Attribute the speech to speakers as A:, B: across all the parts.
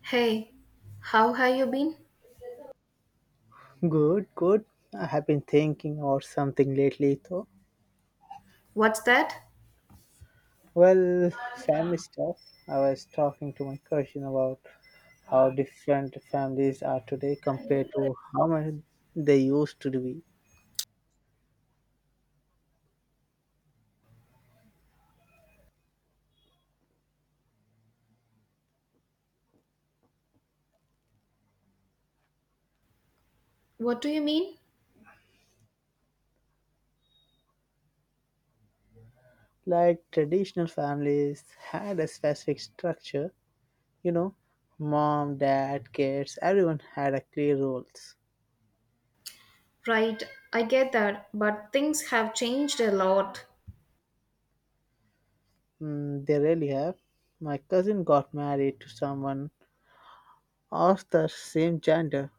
A: Hey, how have you been?
B: Good, good. I have been thinking or something lately, though.
A: What's that?
B: Well, family stuff. I was talking to my cousin about how different families are today compared to how many they used to be.
A: What do you mean?
B: Like traditional families had a specific structure, you know, mom, dad, kids, everyone had a clear roles.
A: Right, I get that, but things have changed a lot.
B: Mm, they really have. My cousin got married to someone of the same gender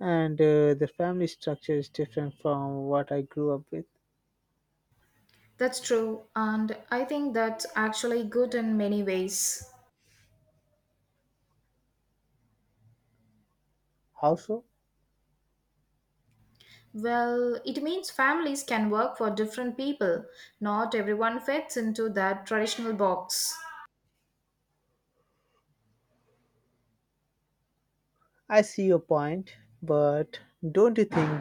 B: and the family structure is different from what I grew up with.
A: That's true, and I think that's actually good in many ways.
B: How so?
A: Well, it means families can work for different people. Not everyone fits into that traditional box.
B: I see your point, but don't you think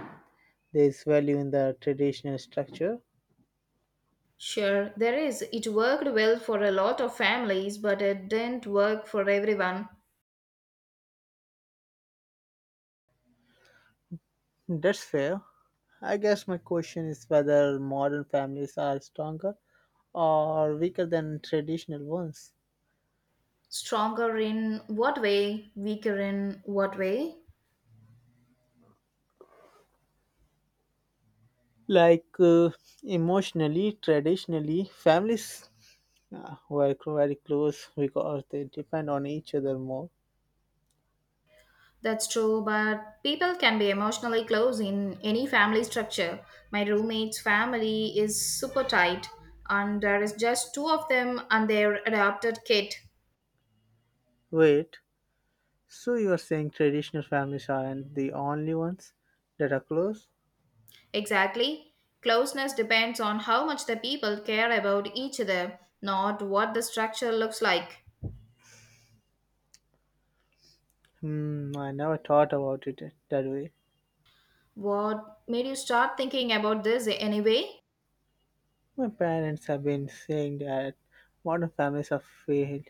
B: there's value in the traditional structure?
A: Sure, there is. It worked well for a lot of families, but it didn't work for everyone.
B: That's fair. I guess my question is whether modern families are stronger or weaker than traditional ones.
A: Stronger in what way? Weaker in what way?
B: Like uh, Emotionally, traditionally, families were very close because they depend on each other more.
A: That's true, but people can be emotionally close in any family structure. My roommate's family is super tight, and there is just two of them and their adopted kid.
B: Wait, so you are saying traditional families aren't the only ones that are close?
A: Exactly. Closeness depends on how much the people care about each other, not what the structure looks like.
B: Hmm, I never thought about it that way.
A: What made you start thinking about this anyway?
B: My parents have been saying that modern families are failed,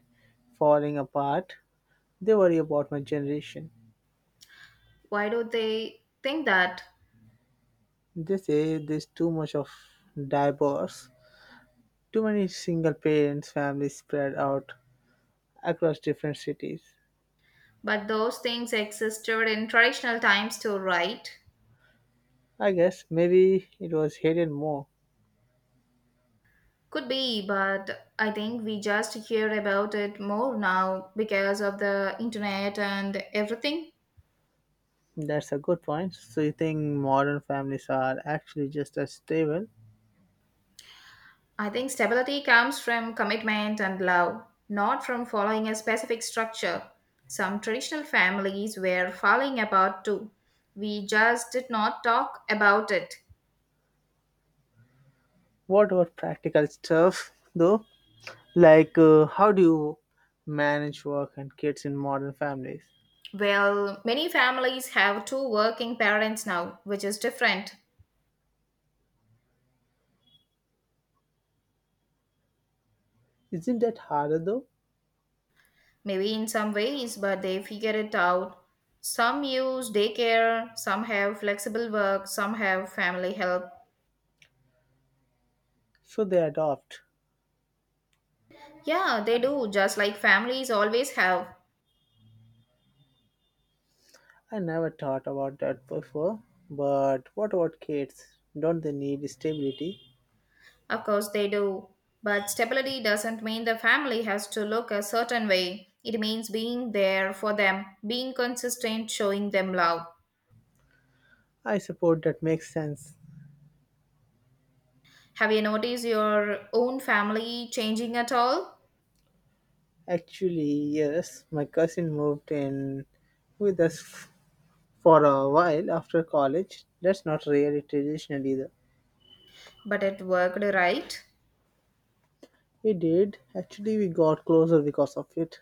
B: falling apart. They worry about my generation.
A: Why do they think that?
B: They say there's too much of divorce, too many single parents families spread out across different cities.
A: But those things existed in traditional times too, right?
B: I guess maybe it was hidden more.
A: Could be, but I think we just hear about it more now because of the internet and everything.
B: That's a good point. So you think modern families are actually just as stable?
A: I think stability comes from commitment and love, not from following a specific structure. Some traditional families were falling apart too. We just did not talk about it.
B: What about practical stuff though? How do you manage work and kids in modern families?
A: Well, many families have two working parents now, which is different.
B: Isn't that harder though?
A: Maybe in some ways, but they figure it out. Some use daycare, some have flexible work, some have family help.
B: So they adopt.
A: Yeah, they do, just like families always have.
B: I never thought about that before. But what about kids? Don't they need stability?
A: Of course, they do. But stability doesn't mean the family has to look a certain way. It means being there for them, being consistent, showing them love.
B: I suppose that makes sense.
A: Have you noticed your own family changing at all?
B: Actually, yes, my cousin moved in with us for a while after college. That's not really traditional either.
A: But it worked, right?
B: We did. Actually, we got closer because of it.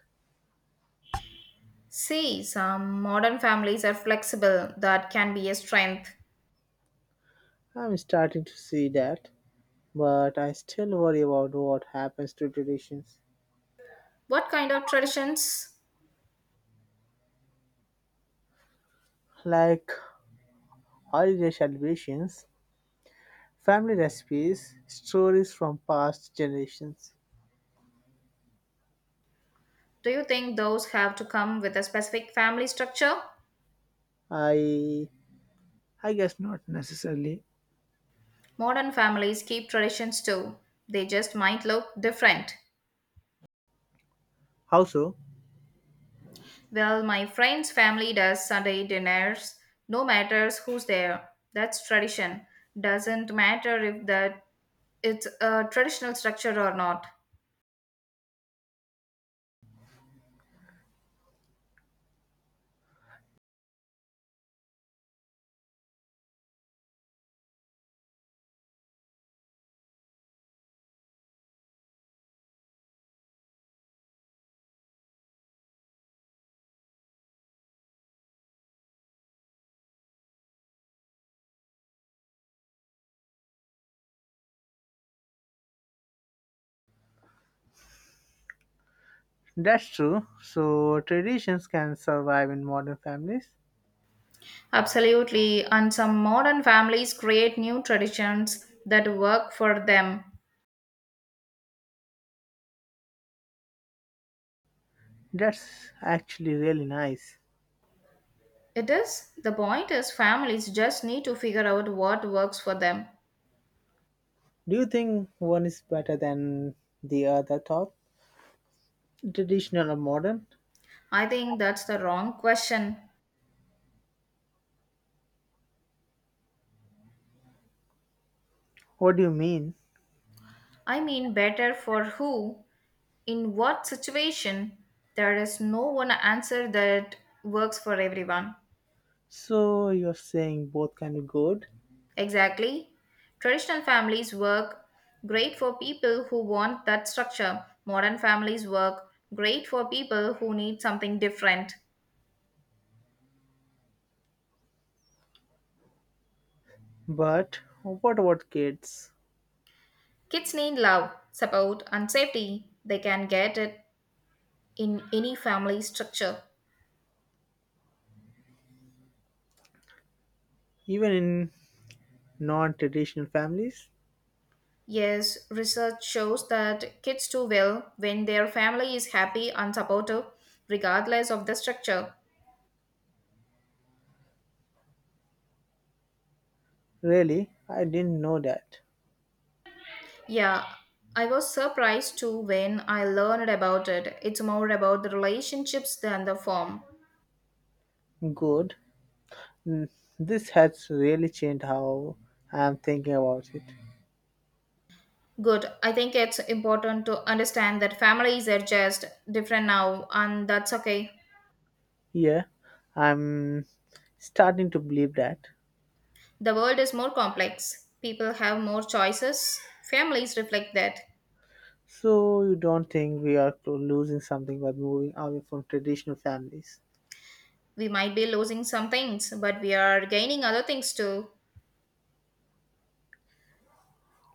A: See, some modern families are flexible. That can be a strength.
B: I'm starting to see that, but I still worry about what happens to traditions.
A: What kind of traditions
B: Like holiday celebrations, family recipes, stories from past generations.
A: do you think those have to come with a specific family structure?
B: I I guess not necessarily.
A: Modern families keep traditions too. They just might look different.
B: How so?
A: Well, my friend's family does Sunday dinners, no matters who's there. That's tradition. Doesn't matter if that it's a traditional structure or not.
B: That's true. So traditions can survive in modern families.
A: Absolutely, and some modern families create new traditions that work for them.
B: That's actually really nice.
A: It is the point is families just need to figure out what works for them.
B: Do you think one is better than the other thought? Traditional or modern?
A: I think that's the wrong question.
B: What do you mean?
A: I mean better for who in what situation there is no one answer that works for everyone.
B: So you're saying both can be good,
A: Exactly. Traditional families work great for people who want that structure. Modern families work great for people who need something different.
B: but what about kids?
A: Kids need love, support, and safety. They can get it in any family structure.
B: Even in non traditional families?
A: Yes, research shows that kids do well when their family is happy and supportive, regardless of the structure.
B: Really? I didn't know that.
A: Yeah, I was surprised too when I learned about it. It's more about the relationships than the form.
B: Good. Mm, this has really changed how I'm thinking about it.
A: Good. I think it's important to understand that families are just different now, and that's okay.
B: Yeah, I'm starting to believe that.
A: The world is more complex, people have more choices. Families reflect that.
B: So you don't think we are losing something by moving away from traditional families?
A: We might be losing some things, but we are gaining other things too.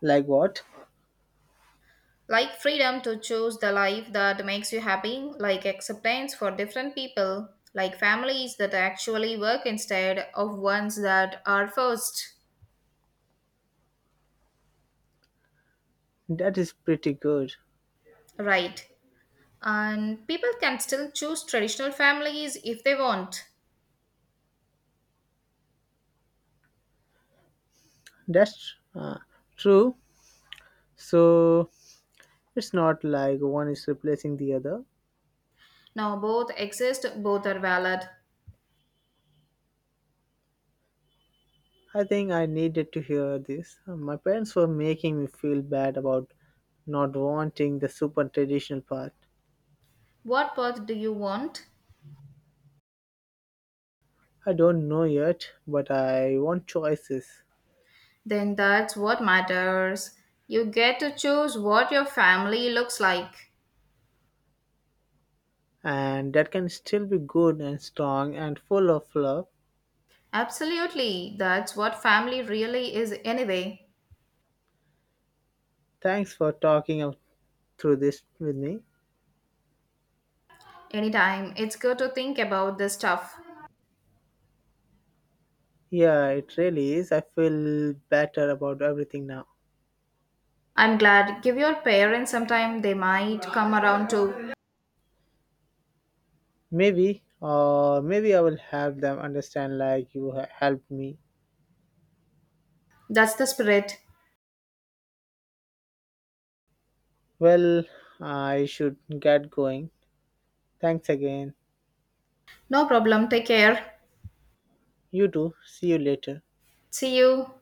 B: Like what?
A: Like freedom to choose the life that makes you happy, like acceptance for different people, like families that actually work instead of ones that are forced.
B: That is pretty good.
A: Right. And people can still choose traditional families if they want.
B: That's true. So it's not like one is replacing the other.
A: Now, both exist, both are valid.
B: I think I needed to hear this. My parents were making me feel bad about not wanting the super traditional part.
A: What path do you want?
B: I don't know yet, but I want choices.
A: Then that's what matters. You get to choose what your family looks like.
B: And that can still be good and strong and full of love.
A: Absolutely, that's what family really is, anyway.
B: Thanks for talking through this with me.
A: Anytime. It's good to think about this stuff.
B: Yeah, it really is. I feel better about everything now.
A: I'm glad. Give your parents some time. They might come around too.
B: Maybe I will help them understand like you helped me.
A: That's the spirit.
B: Well, I should get going. Thanks again.
A: No problem. Take care.
B: You too. See you later.
A: See you.